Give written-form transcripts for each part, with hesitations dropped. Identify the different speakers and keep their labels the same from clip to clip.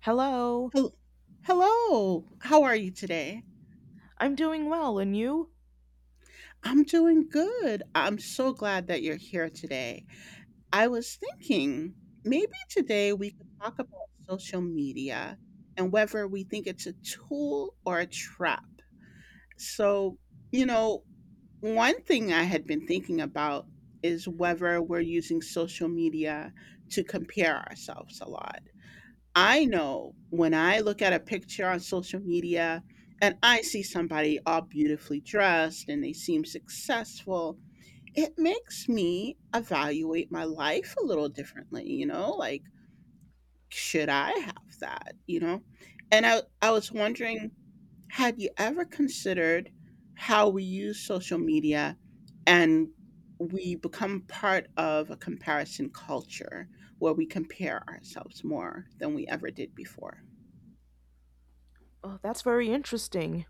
Speaker 1: Hello.
Speaker 2: Hel- Hello, how are you today?
Speaker 1: I'm doing well, and you?
Speaker 2: I'm doing good. I'm so glad that you're here today. I was thinking maybe today we could talk about social media and whether we think it's a tool or a trap. So, you know, One thing I had been thinking about is whether we're using social media to compare ourselves a lot. I know when I look at a picture on social media and I see somebody all beautifully dressed and they seem successful, it makes me evaluate my life a little differently. Like, should I have that? And I was wondering, had you ever considered how we use social media and we become part of a comparison culture where we compare ourselves more than we ever did before?
Speaker 1: Oh, that's very interesting.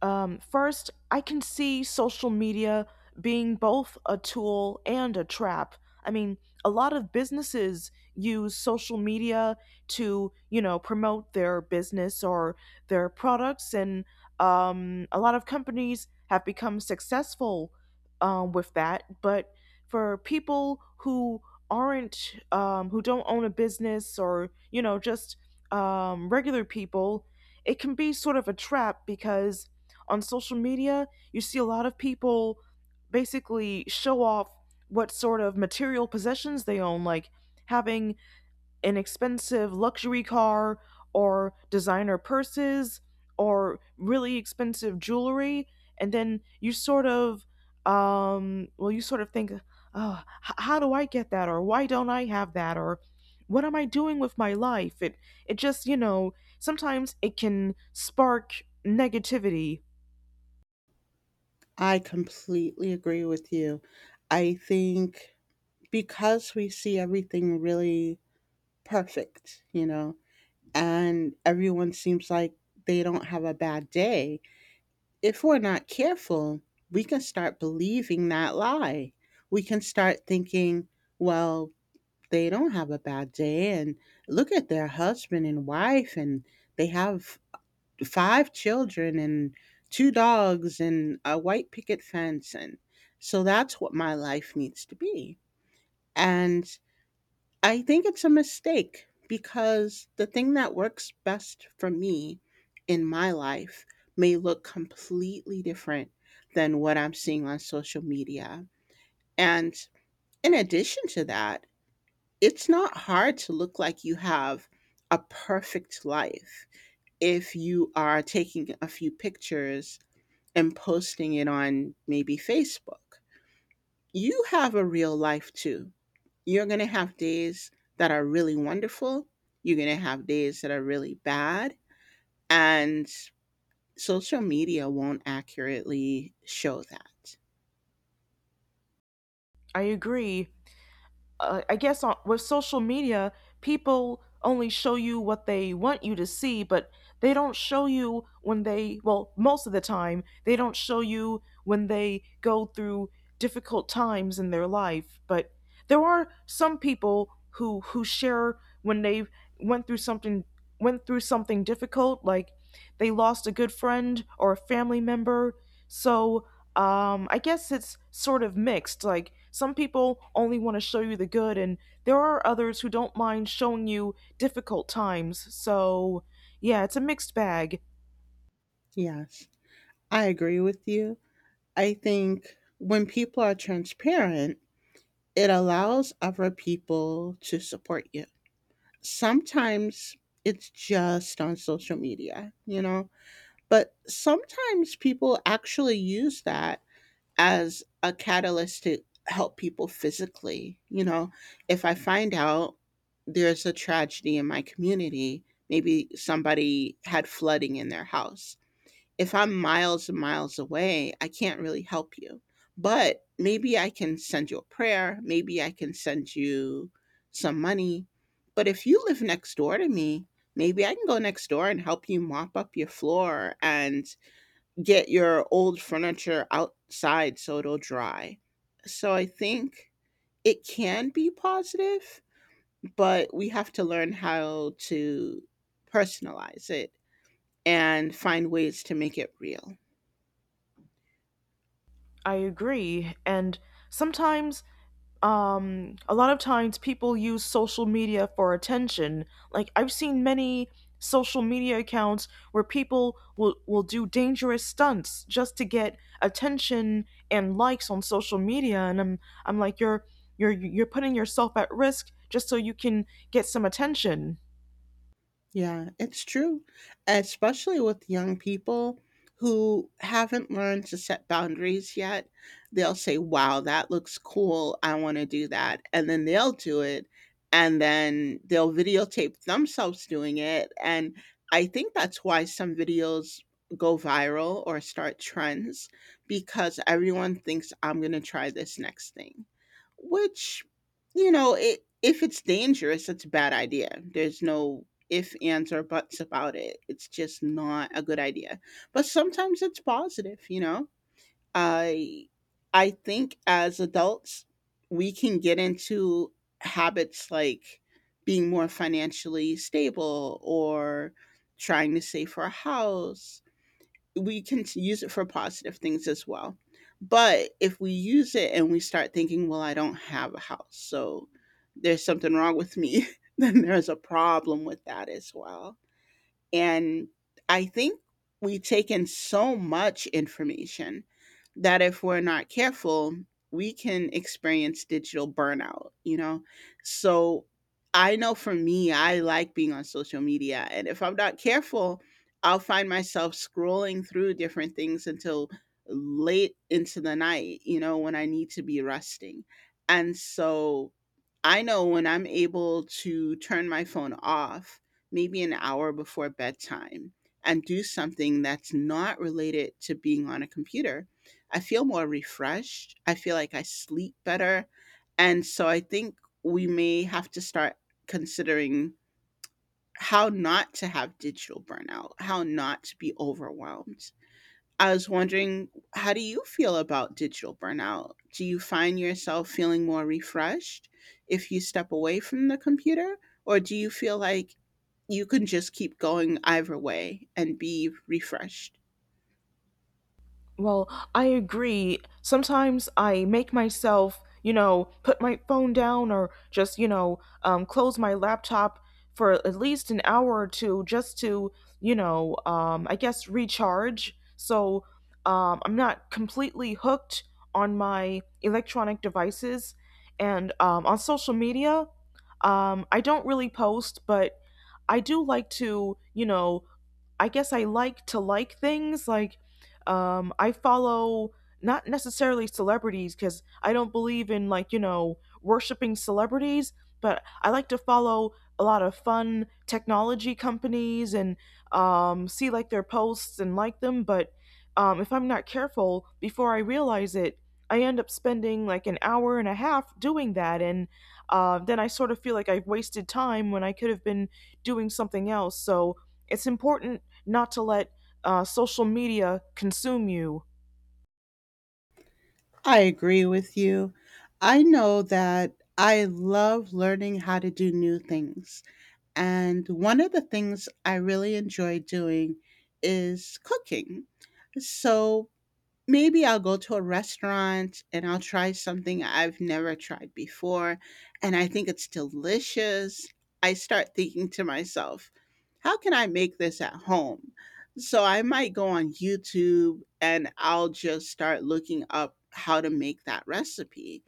Speaker 1: First, I can see social media being both a tool and a trap. I mean, a lot of businesses use social media to, you know, promote their business or their products, and a lot of companies have become successful with that. But for people who aren't, who don't own a business or, you know, just regular people, it can be sort of a trap because on social media, you see a lot of people basically show off what sort of material possessions they own, like having an expensive luxury car or designer purses or really expensive jewelry. And then you sort of, well, you sort of think, oh, how do I get that? Or why don't I have that? Or what am I doing with my life? It just, you know, sometimes it can spark negativity.
Speaker 2: I completely agree with you. I think because we see everything really perfect, you know, and everyone seems like they don't have a bad day, if we're not careful, we can start believing that lie. We can start thinking, well, they don't have a bad day and look at their husband and wife and they have five children and two dogs and a white picket fence, and so that's what my life needs to be. And I think it's a mistake because the thing that works best for me in my life may look completely different than what I'm seeing on social media. And in addition to that, it's not hard to look like you have a perfect life if you are taking a few pictures and posting it on maybe Facebook. You have a real life too. You're going to have days that are really wonderful. You're going to have days that are really bad. And social media won't accurately show that.
Speaker 1: I agree. I guess with social media, people only show you what they want you to see, but they don't show you when they, well, most of the time, they don't show you when they go through difficult times in their life. But there are some people who share when they went through something went through something difficult, like they lost a good friend or a family member. So I guess it's sort of mixed. Like, some people only want to show you the good, and there are others who don't mind showing you difficult times. So, yeah, it's a mixed bag.
Speaker 2: Yes, I agree with you. I think when people are transparent, it allows other people to support you. Sometimes it's just on social media. But sometimes people actually use that as a catalyst to help people physically. You know, if I find out there's a tragedy in my community, maybe somebody had flooding in their house. If I'm miles and miles away, I can't really help you. But maybe I can send you a prayer, maybe I can send you some money. But if you live next door to me, maybe I can go next door and help you mop up your floor and get your old furniture outside so it'll dry. So I think it can be positive, but we have to learn how to personalize it and find ways to make it real.
Speaker 1: I agree. And sometimes, a lot of times people use social media for attention. Like, I've seen many social media accounts where people will do dangerous stunts just to get attention and likes on social media. And I'm like, you're putting yourself at risk just so you can get some attention.
Speaker 2: Yeah, it's true, especially with young people who haven't learned to set boundaries yet. They'll say, "Wow, that looks cool. I want to do that." And then they'll do it, and then they'll videotape themselves doing it. And I think that's why some videos go viral or start trends, because everyone thinks I'm going to try this next thing. Which, you know, it if it's dangerous it's a bad idea. There's no if, ands, or buts about it. It's just not a good idea. But sometimes it's positive, you know? I I think as adults we can get into habits like being more financially stable or trying to save for a house. We can use it for positive things as well. But if we use it and we start thinking, well, I don't have a house, so there's something wrong with me, then there's a problem with that as well. And I think we take in so much information that if we're not careful, we can experience digital burnout. So I know for me, I like being on social media. And if I'm not careful, I'll find myself scrolling through different things until late into the night, you know, when I need to be resting. And so I know when I'm able to turn my phone off maybe an hour before bedtime and do something that's not related to being on a computer, I feel more refreshed. I feel like I sleep better. And so I think we may have to start considering how not to have digital burnout, how not to be overwhelmed. I was wondering, how do you feel about digital burnout? Do you find yourself feeling more refreshed if you step away from the computer? Or do you feel like you can just keep going either way and be refreshed?
Speaker 1: Well, I agree. Sometimes I make myself, you know, put my phone down or just, you know, close my laptop for at least an hour or two just to, you know, I guess recharge. So I'm not completely hooked on my electronic devices. And on social media, I don't really post, but I do like to, you know, I guess I like to like things. Like, I follow not necessarily celebrities because I don't believe in, like, you know, worshiping celebrities, but I like to follow a lot of fun technology companies and see, like, their posts and like them. But if I'm not careful, before I realize it, I end up spending like an hour and a half doing that, and then I sort of feel like I've wasted time when I could have been doing something else. So it's important not to let social media consume you.
Speaker 2: I agree with you. I know that I love learning how to do new things. And one of the things I really enjoy doing is cooking. So maybe I'll go to a restaurant and I'll try something I've never tried before, and I think it's delicious. I start thinking to myself, how can I make this at home? So I might go on YouTube and I'll just start looking up how to make that recipe.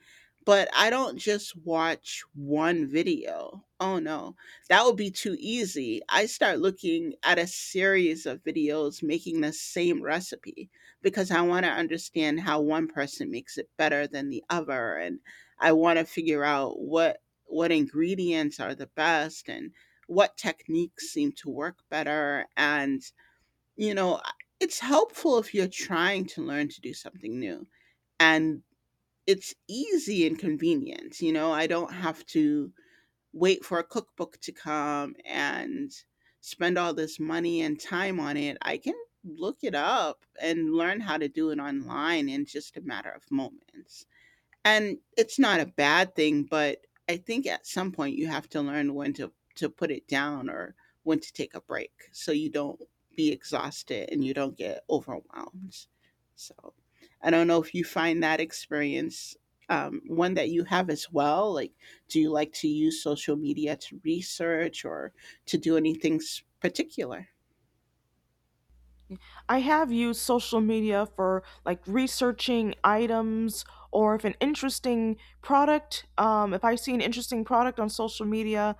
Speaker 2: But I don't just watch one video. Oh no, that would be too easy. I start looking at a series of videos making the same recipe because I want to understand how one person makes it better than the other, and I want to figure out what ingredients are the best and what techniques seem to work better. And you know, it's helpful if you're trying to learn to do something new, and it's easy and convenient. You know, I don't have to wait for a cookbook to come and spend all this money and time on it. I can look it up and learn how to do it online in just a matter of moments. And it's not a bad thing, but I think at some point you have to learn when to put it down or when to take a break so you don't be exhausted and you don't get overwhelmed. So I don't know if you find that experience one that you have as well. Like, do you like to use social media to research or to do anything particular?
Speaker 1: I have used social media for like researching items, or if an interesting product, if I see an interesting product on social media,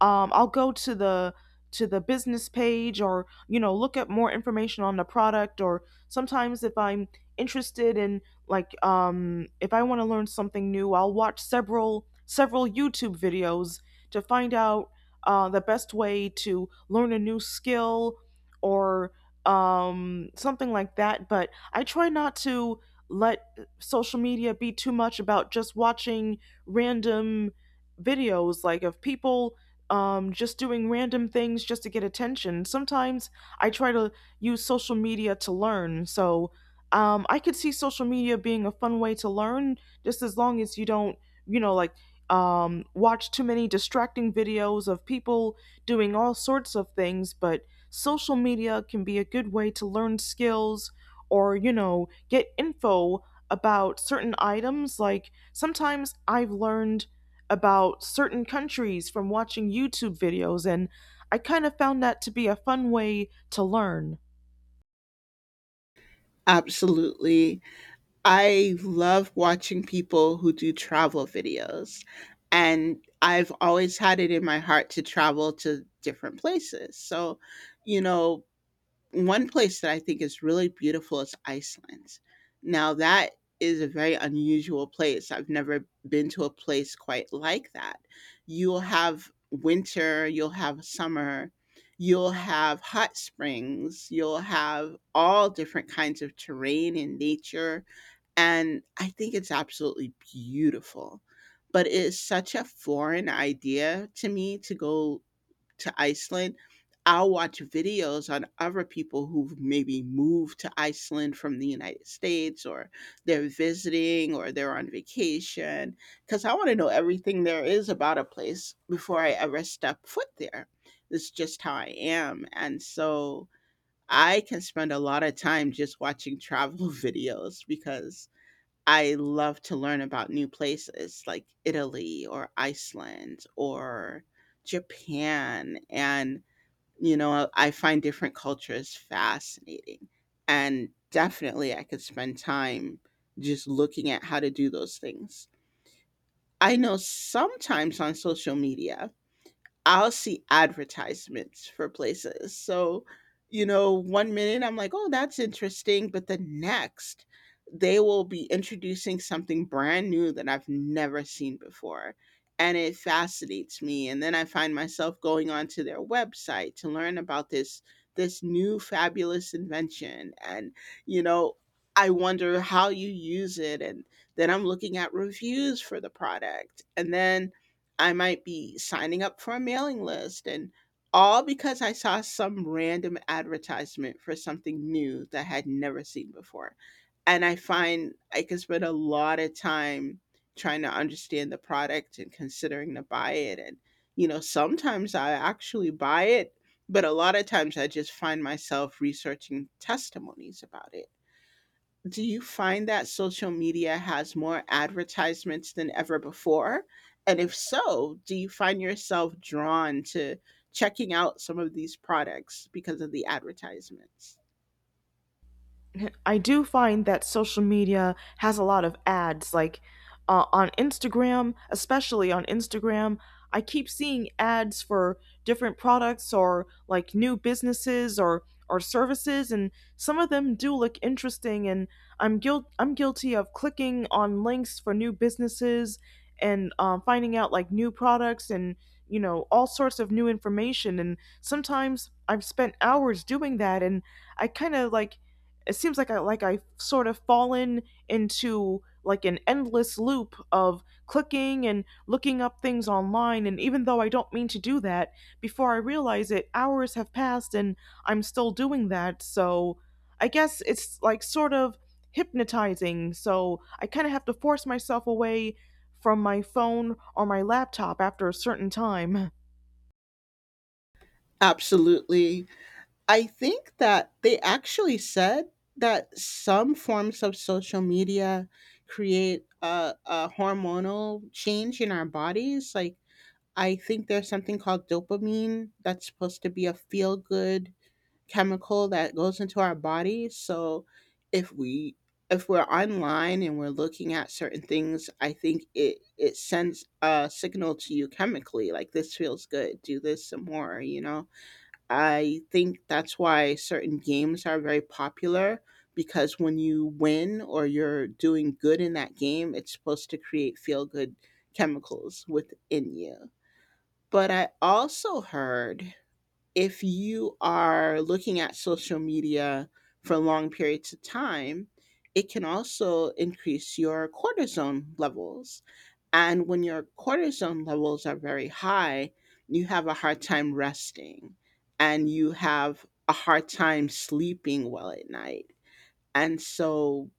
Speaker 1: I'll go to the business page, or you know, look up more information on the product, or sometimes if I'm interested in like if I want to learn something new, I'll watch several YouTube videos to find out the best way to learn a new skill, or something like that. But I try not to let social media be too much about just watching random videos, like of people just doing random things just to get attention. Sometimes I try to use social media to learn. So I could see social media being a fun way to learn, just as long as you don't, you know, like watch too many distracting videos of people doing all sorts of things. But social media can be a good way to learn skills, or, you know, get info about certain items. Like sometimes I've learned about certain countries from watching YouTube videos, and I kind of found that to be a fun way to learn.
Speaker 2: Absolutely. I love watching people who do travel videos, and I've always had it in my heart to travel to different places. So, you know, one place that I think is really beautiful is Iceland. Now that is a very unusual place. I've never been to a place quite like that. You'll have winter, you'll have summer, you'll have hot springs, you'll have all different kinds of terrain and nature. And I think it's absolutely beautiful. But it is such a foreign idea to me to go to Iceland, I'll watch videos on other people who've maybe moved to Iceland from the United States, or they're visiting or they're on vacation, because I want to know everything there is about a place before I ever step foot there. It's just how I am. And so I can spend a lot of time just watching travel videos because I love to learn about new places like Italy or Iceland or Japan. And, you know, I find different cultures fascinating. And definitely, I could spend time just looking at how to do those things. I know sometimes on social media, I'll see advertisements for places. So, you know, one minute I'm like, oh, that's interesting. But the next, they will be introducing something brand new that I've never seen before. And it fascinates me. And then I find myself going onto their website to learn about this new fabulous invention. And, you know, I wonder how you use it. And then I'm looking at reviews for the product. And then I might be signing up for a mailing list, and all because I saw some random advertisement for something new that I had never seen before. And I find I can spend a lot of time trying to understand the product and considering to buy it. And, you know, sometimes I actually buy it, but a lot of times I just find myself researching testimonies about it. Do you find that social media has more advertisements than ever before? And if so, do you find yourself drawn to checking out some of these products because of the advertisements?
Speaker 1: I do find that social media has a lot of ads. Like on Instagram, especially on Instagram, I keep seeing ads for different products or like new businesses or services, and some of them do look interesting. And I'm guilty of clicking on links for new businesses and finding out like new products, and you know, all sorts of new information. And sometimes I've spent hours doing that, and I kind of like, it seems like I like, I've sort of fallen into like an endless loop of clicking and looking up things online, and even though I don't mean to do that, before I realize it, hours have passed and I'm still doing that. So I guess it's like sort of hypnotizing. So I kind of have to force myself away from my phone or my laptop after a certain time.
Speaker 2: Absolutely. I think that they actually said that some forms of social media create a hormonal change in our bodies. Like, I think there's something called dopamine that's supposed to be a feel good chemical that goes into our bodies. So if we if we're online and we're looking at certain things, I think it sends a signal to you chemically like this feels good, do this some more, you know. I think that's why certain games are very popular because when you win or you're doing good in that game, it's supposed to create feel good chemicals within you. But I also heard if you are looking at social media for long periods of time, it can also increase your cortisone levels. And when your cortisone levels are very high, you have a hard time resting and you have a hard time sleeping well at night, and so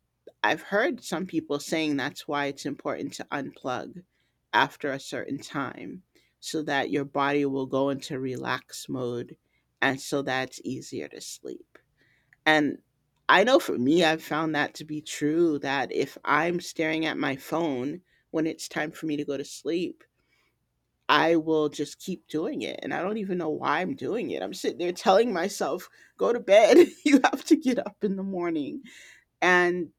Speaker 2: I've heard some people saying that's why it's important to unplug after a certain time, so that your body will go into relax mode and so that's easier to sleep. And I know for me, I've found that to be true that if I'm staring at my phone when it's time for me to go to sleep, I will just keep doing it. And I don't even know why I'm doing it. I'm sitting there telling myself, go to bed. You have to get up in the morning, and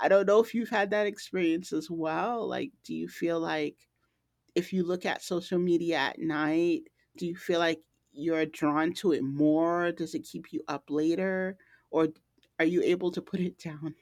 Speaker 2: I don't know if you've had that experience as well. Like, do you feel like if you look at social media at night, do you feel like you're drawn to it more? Does it keep you up later? Or are you able to put it down?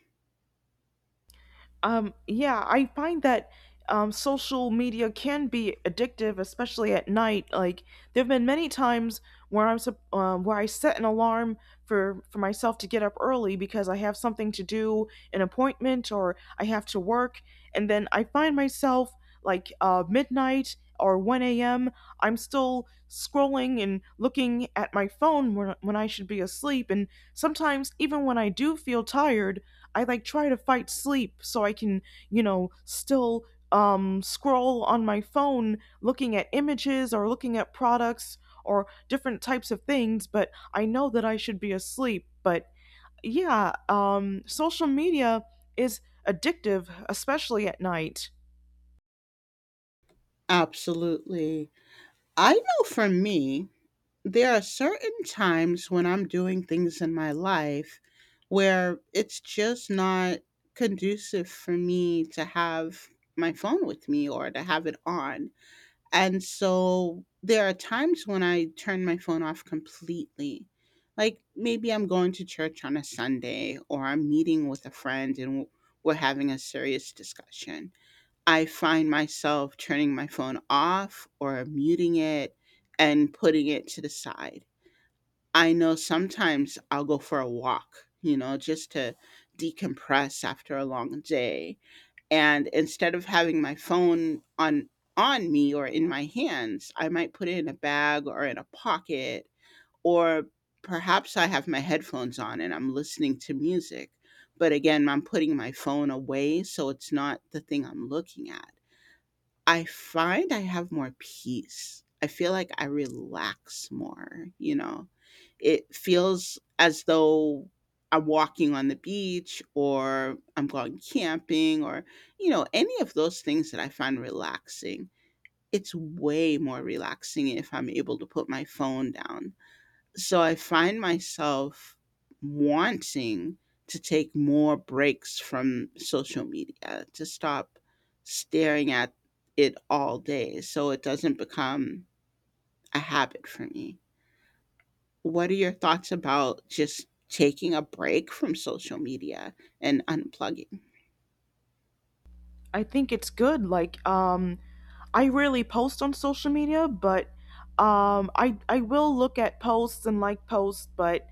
Speaker 1: Yeah, I find that social media can be addictive, especially at night. Like there have been many times where where I set an alarm for myself to get up early because I have something to do, an appointment, or I have to work, and then I find myself like midnight or 1 a.m. I'm still scrolling and looking at my phone when I should be asleep, and sometimes even when I do feel tired. I like try to fight sleep so I can, you know, still scroll on my phone looking at images or looking at products or different types of things, but I know that I should be asleep. But yeah, social media is addictive, especially at night.
Speaker 2: Absolutely. I know for me, there are certain times when I'm doing things in my life where it's just not conducive for me to have my phone with me or to have it on. And so there are times when I turn my phone off completely. Like maybe I'm going to church on a Sunday, or I'm meeting with a friend and we're having a serious discussion. I find myself turning my phone off or muting it and putting it to the side. I know sometimes I'll go for a walk, you know, just to decompress after a long day, and instead of having my phone on me or in my hands, I might put it in a bag or in a pocket, or perhaps I have my headphones on and I'm listening to music, but again I'm putting my phone away so it's not the thing I'm looking at. I find I have more peace. I feel like I relax more, you know? It feels as though I'm walking on the beach or I'm going camping or, you know, any of those things that I find relaxing. It's way more relaxing if I'm able to put my phone down. So I find myself wanting to take more breaks from social media, to stop staring at it all day so it doesn't become a habit for me. What are your thoughts about just taking a break from social media and unplugging?
Speaker 1: I think it's good. Like, I rarely post on social media, but I will look at posts and like posts, but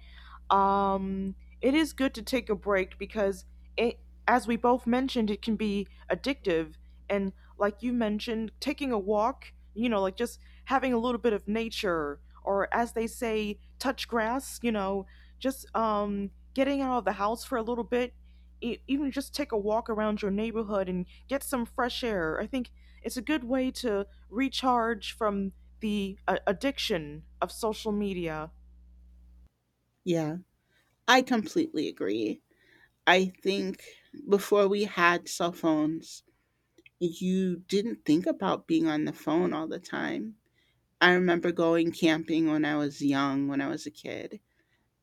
Speaker 1: um, it is good to take a break because it, as we both mentioned, it can be addictive. And like you mentioned, taking a walk, you know, like just having a little bit of nature, or as they say, touch grass, you know, just getting out of the house for a little bit, even just take a walk around your neighborhood and get some fresh air. I think it's a good way to recharge from the addiction of social media.
Speaker 2: Yeah, I completely agree. I think before we had cell phones, you didn't think about being on the phone all the time. I remember going camping when I was young, when I was a kid,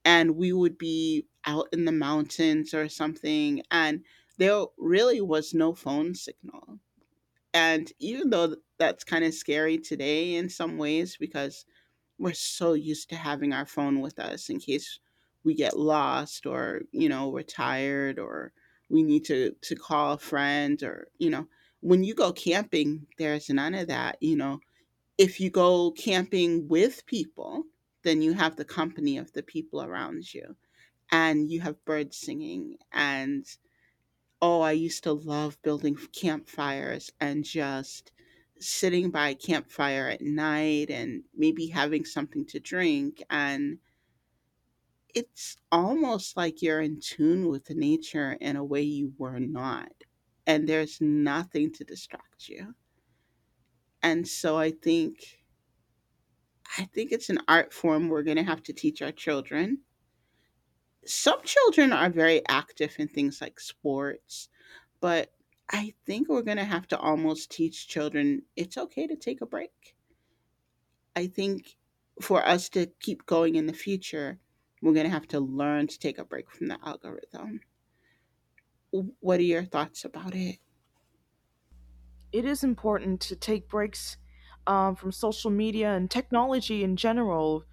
Speaker 2: and we would be out in the mountains or something, and there really was no phone signal. And even though that's kind of scary today in some ways because we're so used to having our phone with us in case we get lost or, you know, we're tired, or we need to call a friend or, you know, when you go camping, there's none of that, you know, if you go camping with people, then you have the company of the people around you, and you have birds singing, and oh, I used to love building campfires and just sitting by a campfire at night and maybe having something to drink, and it's almost like you're in tune with nature in a way you were not, and there's nothing to distract you. And so I think, I think it's an art form we're going to have to teach our children. Some children are very active in things like sports, but I think we're going to have to almost teach children it's okay to take a break. I think for us to keep going in the future, we're going to have to learn to take a break from the algorithm. What are your thoughts about it?
Speaker 1: It is important to take breaks from social media and technology in general.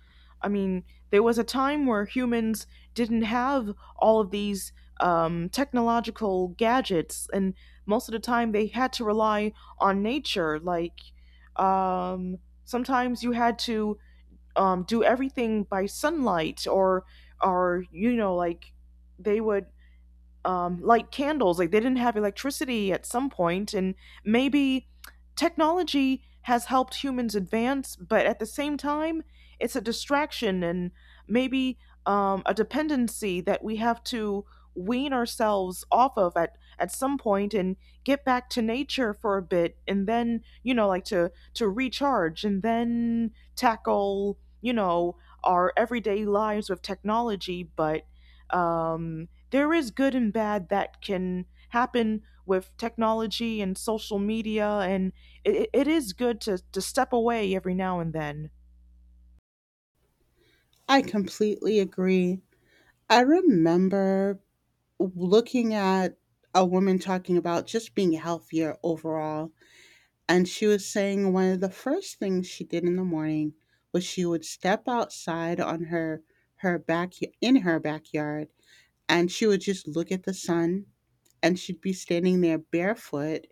Speaker 1: I mean, there was a time where humans didn't have all of these technological gadgets, and most of the time they had to rely on nature. Like, um, sometimes you had to do everything by sunlight, or you know, like they would light candles. Like they didn't have electricity at some point, and maybe technology has helped humans advance, but at the same time, it's a distraction, and maybe a dependency that we have to wean ourselves off of at some point, and get back to nature for a bit, and then you know like to recharge, and then tackle you know our everyday lives with technology, but um there is good and bad that can happen with technology and social media, and it is good to step away every now and then.
Speaker 2: I completely agree. I remember looking at a woman talking about just being healthier overall. And she was saying one of the first things she did in the morning was she would step outside on her her back, in her backyard, and she would just look at the sun, and she'd be standing there barefoot,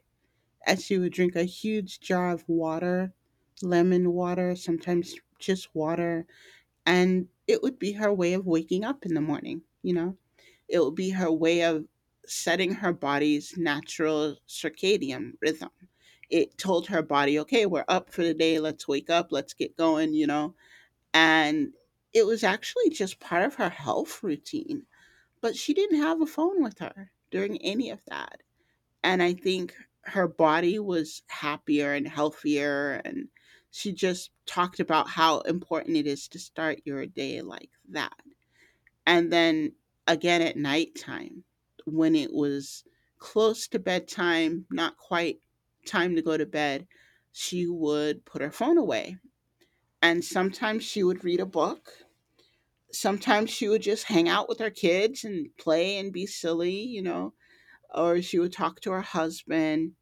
Speaker 2: and she would drink a huge jar of water, lemon water, sometimes just water, and it would be her way of waking up in the morning, you know? It will be her way of setting her body's natural circadian rhythm. It told her body, okay, we're up for the day. Let's wake up. Let's get going, you know? And it was actually just part of her health routine. But she didn't have a phone with her during any of that. And I think her body was happier and healthier. And she just talked about how important it is to start your day like that. And then again at nighttime, when it was close to bedtime, not quite time to go to bed, she would put her phone away. And sometimes she would read a book. Sometimes she would just hang out with her kids and play and be silly, you know, or she would talk to her husband.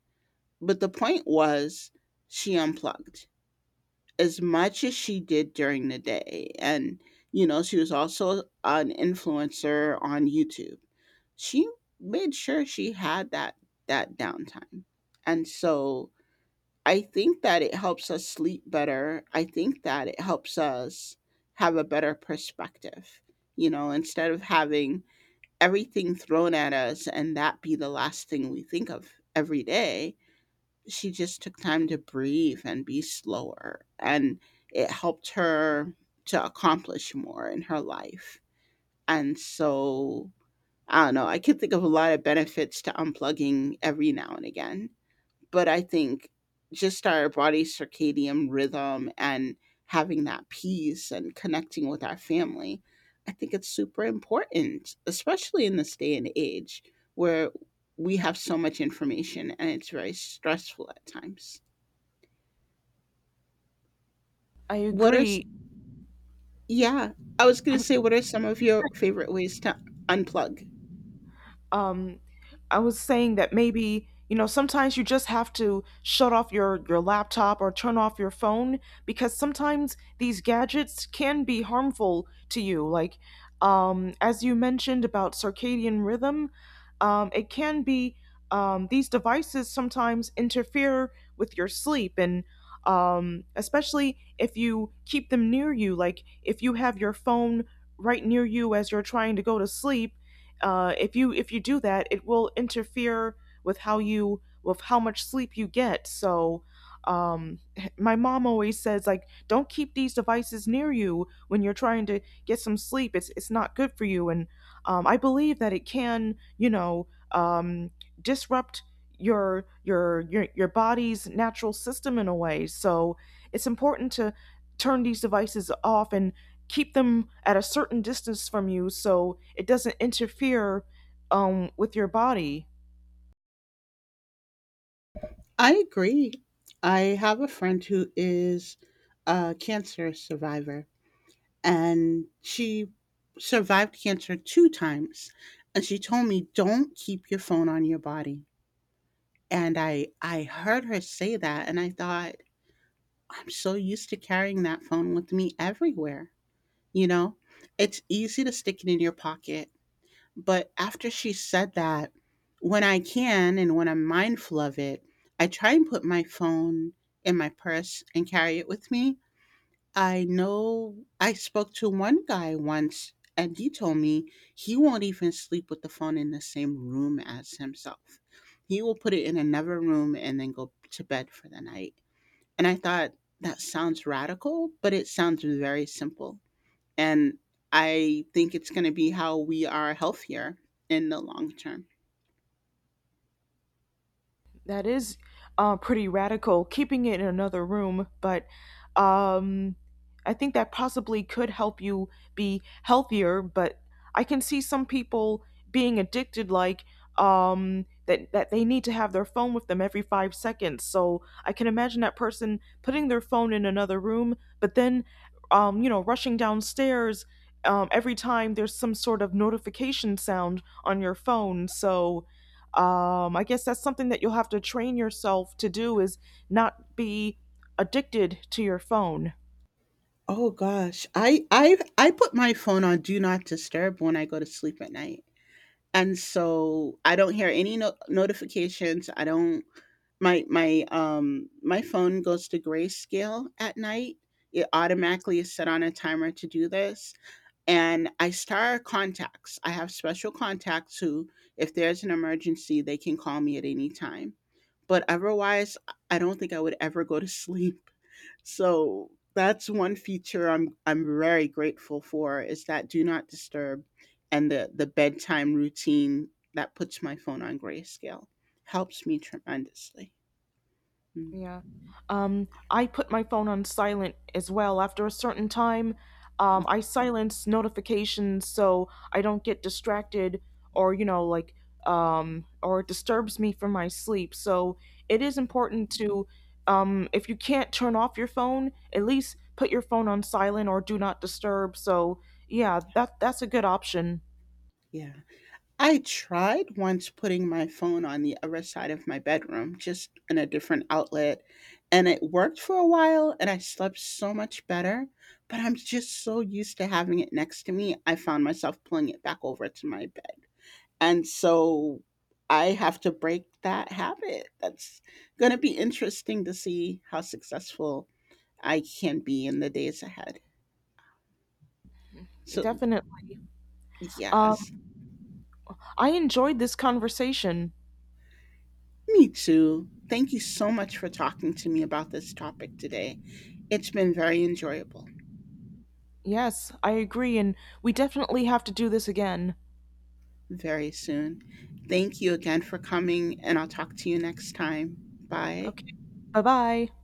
Speaker 2: But the point was, she unplugged as much as she did during the day. And, you know, she was also an influencer on YouTube. She made sure she had that that downtime. And so I think that it helps us sleep better. I think that it helps us have a better perspective, you know, instead of having everything thrown at us and that be the last thing we think of every day. She just took time to breathe and be slower, and it helped her to accomplish more in her life. And so I don't know. I can think of a lot of benefits to unplugging every now and again, but I think just our body's circadian rhythm and having that peace and connecting with our family, I think it's super important, especially in this day and age where we have so much information and it's very stressful at times.
Speaker 1: I
Speaker 2: What are, s-
Speaker 1: agree.
Speaker 2: yeah, I was going to say, what are some of your favorite ways to unplug?
Speaker 1: um, I was saying that maybe you know sometimes you just have to shut off your laptop or turn off your phone, because sometimes these gadgets can be harmful to you. Like as you mentioned about circadian rhythm, it can be these devices sometimes interfere with your sleep, and especially if you keep them near you, like if you have your phone right near you as you're trying to go to sleep, if you do that, it will interfere with how you with how much sleep you get. So um my mom always says like don't keep these devices near you when you're trying to get some sleep. It's not good for you, and I believe that it can you know disrupt your body's natural system in a way. So it's important to turn these devices off and keep them at a certain distance from you so it doesn't interfere with your body.
Speaker 2: I agree. I have a friend who is a cancer survivor, and she survived cancer two times. And she told me, "Don't keep your phone on your body." And I heard her say that, and I thought, I'm so used to carrying that phone with me everywhere. You know, it's easy to stick it in your pocket, but after she said that, when I can and when I'm mindful of it, I try and put my phone in my purse and carry it with me. I know I spoke to one guy once and he told me he won't even sleep with the phone in the same room as himself. He will put it in another room and then go to bed for the night. And I thought that sounds radical, but it sounds very simple. And I think it's going to be how we are healthier in the long term.
Speaker 1: That is pretty radical, keeping it in another room, but um, I think that possibly could help you be healthier. But I can see some people being addicted, like that they need to have their phone with them every 5 seconds. So I can imagine that person putting their phone in another room, but then, you know, rushing downstairs. Every time there's some sort of notification sound on your phone, so I guess that's something that you'll have to train yourself to do is not be addicted to your phone.
Speaker 2: Oh gosh, I put my phone on do not disturb when I go to sleep at night. And so I don't hear any notifications. I don't, my phone goes to grayscale at night. It automatically is set on a timer to do this. And I star contacts. I have special contacts who, if there's an emergency, they can call me at any time, but otherwise I don't think I would ever go to sleep. So that's one feature I'm very grateful for, is that do not disturb and the bedtime routine that puts my phone on grayscale helps me tremendously. Mm,
Speaker 1: Yeah. I put my phone on silent as well. After a certain time, I silence notifications so I don't get distracted or, you know, like, or it disturbs me from my sleep. So it is important to, if you can't turn off your phone, at least put your phone on silent or do not disturb. So yeah, that's a good option.
Speaker 2: Yeah. I tried once putting my phone on the other side of my bedroom, just in a different outlet, and it worked for a while and I slept so much better. But I'm just so used to having it next to me, I found myself pulling it back over to my bed. And so I have to break that habit. That's going to be interesting to see how successful I can be in the days ahead. So,
Speaker 1: Definitely.
Speaker 2: yes.
Speaker 1: Um, I enjoyed this conversation.
Speaker 2: Me too. Thank you so much for talking to me about this topic today. It's been very enjoyable.
Speaker 1: Yes, I agree. And we definitely have to do this again.
Speaker 2: Very soon. Thank you again for coming, and I'll talk to you next time. Bye.
Speaker 1: Okay. Bye bye.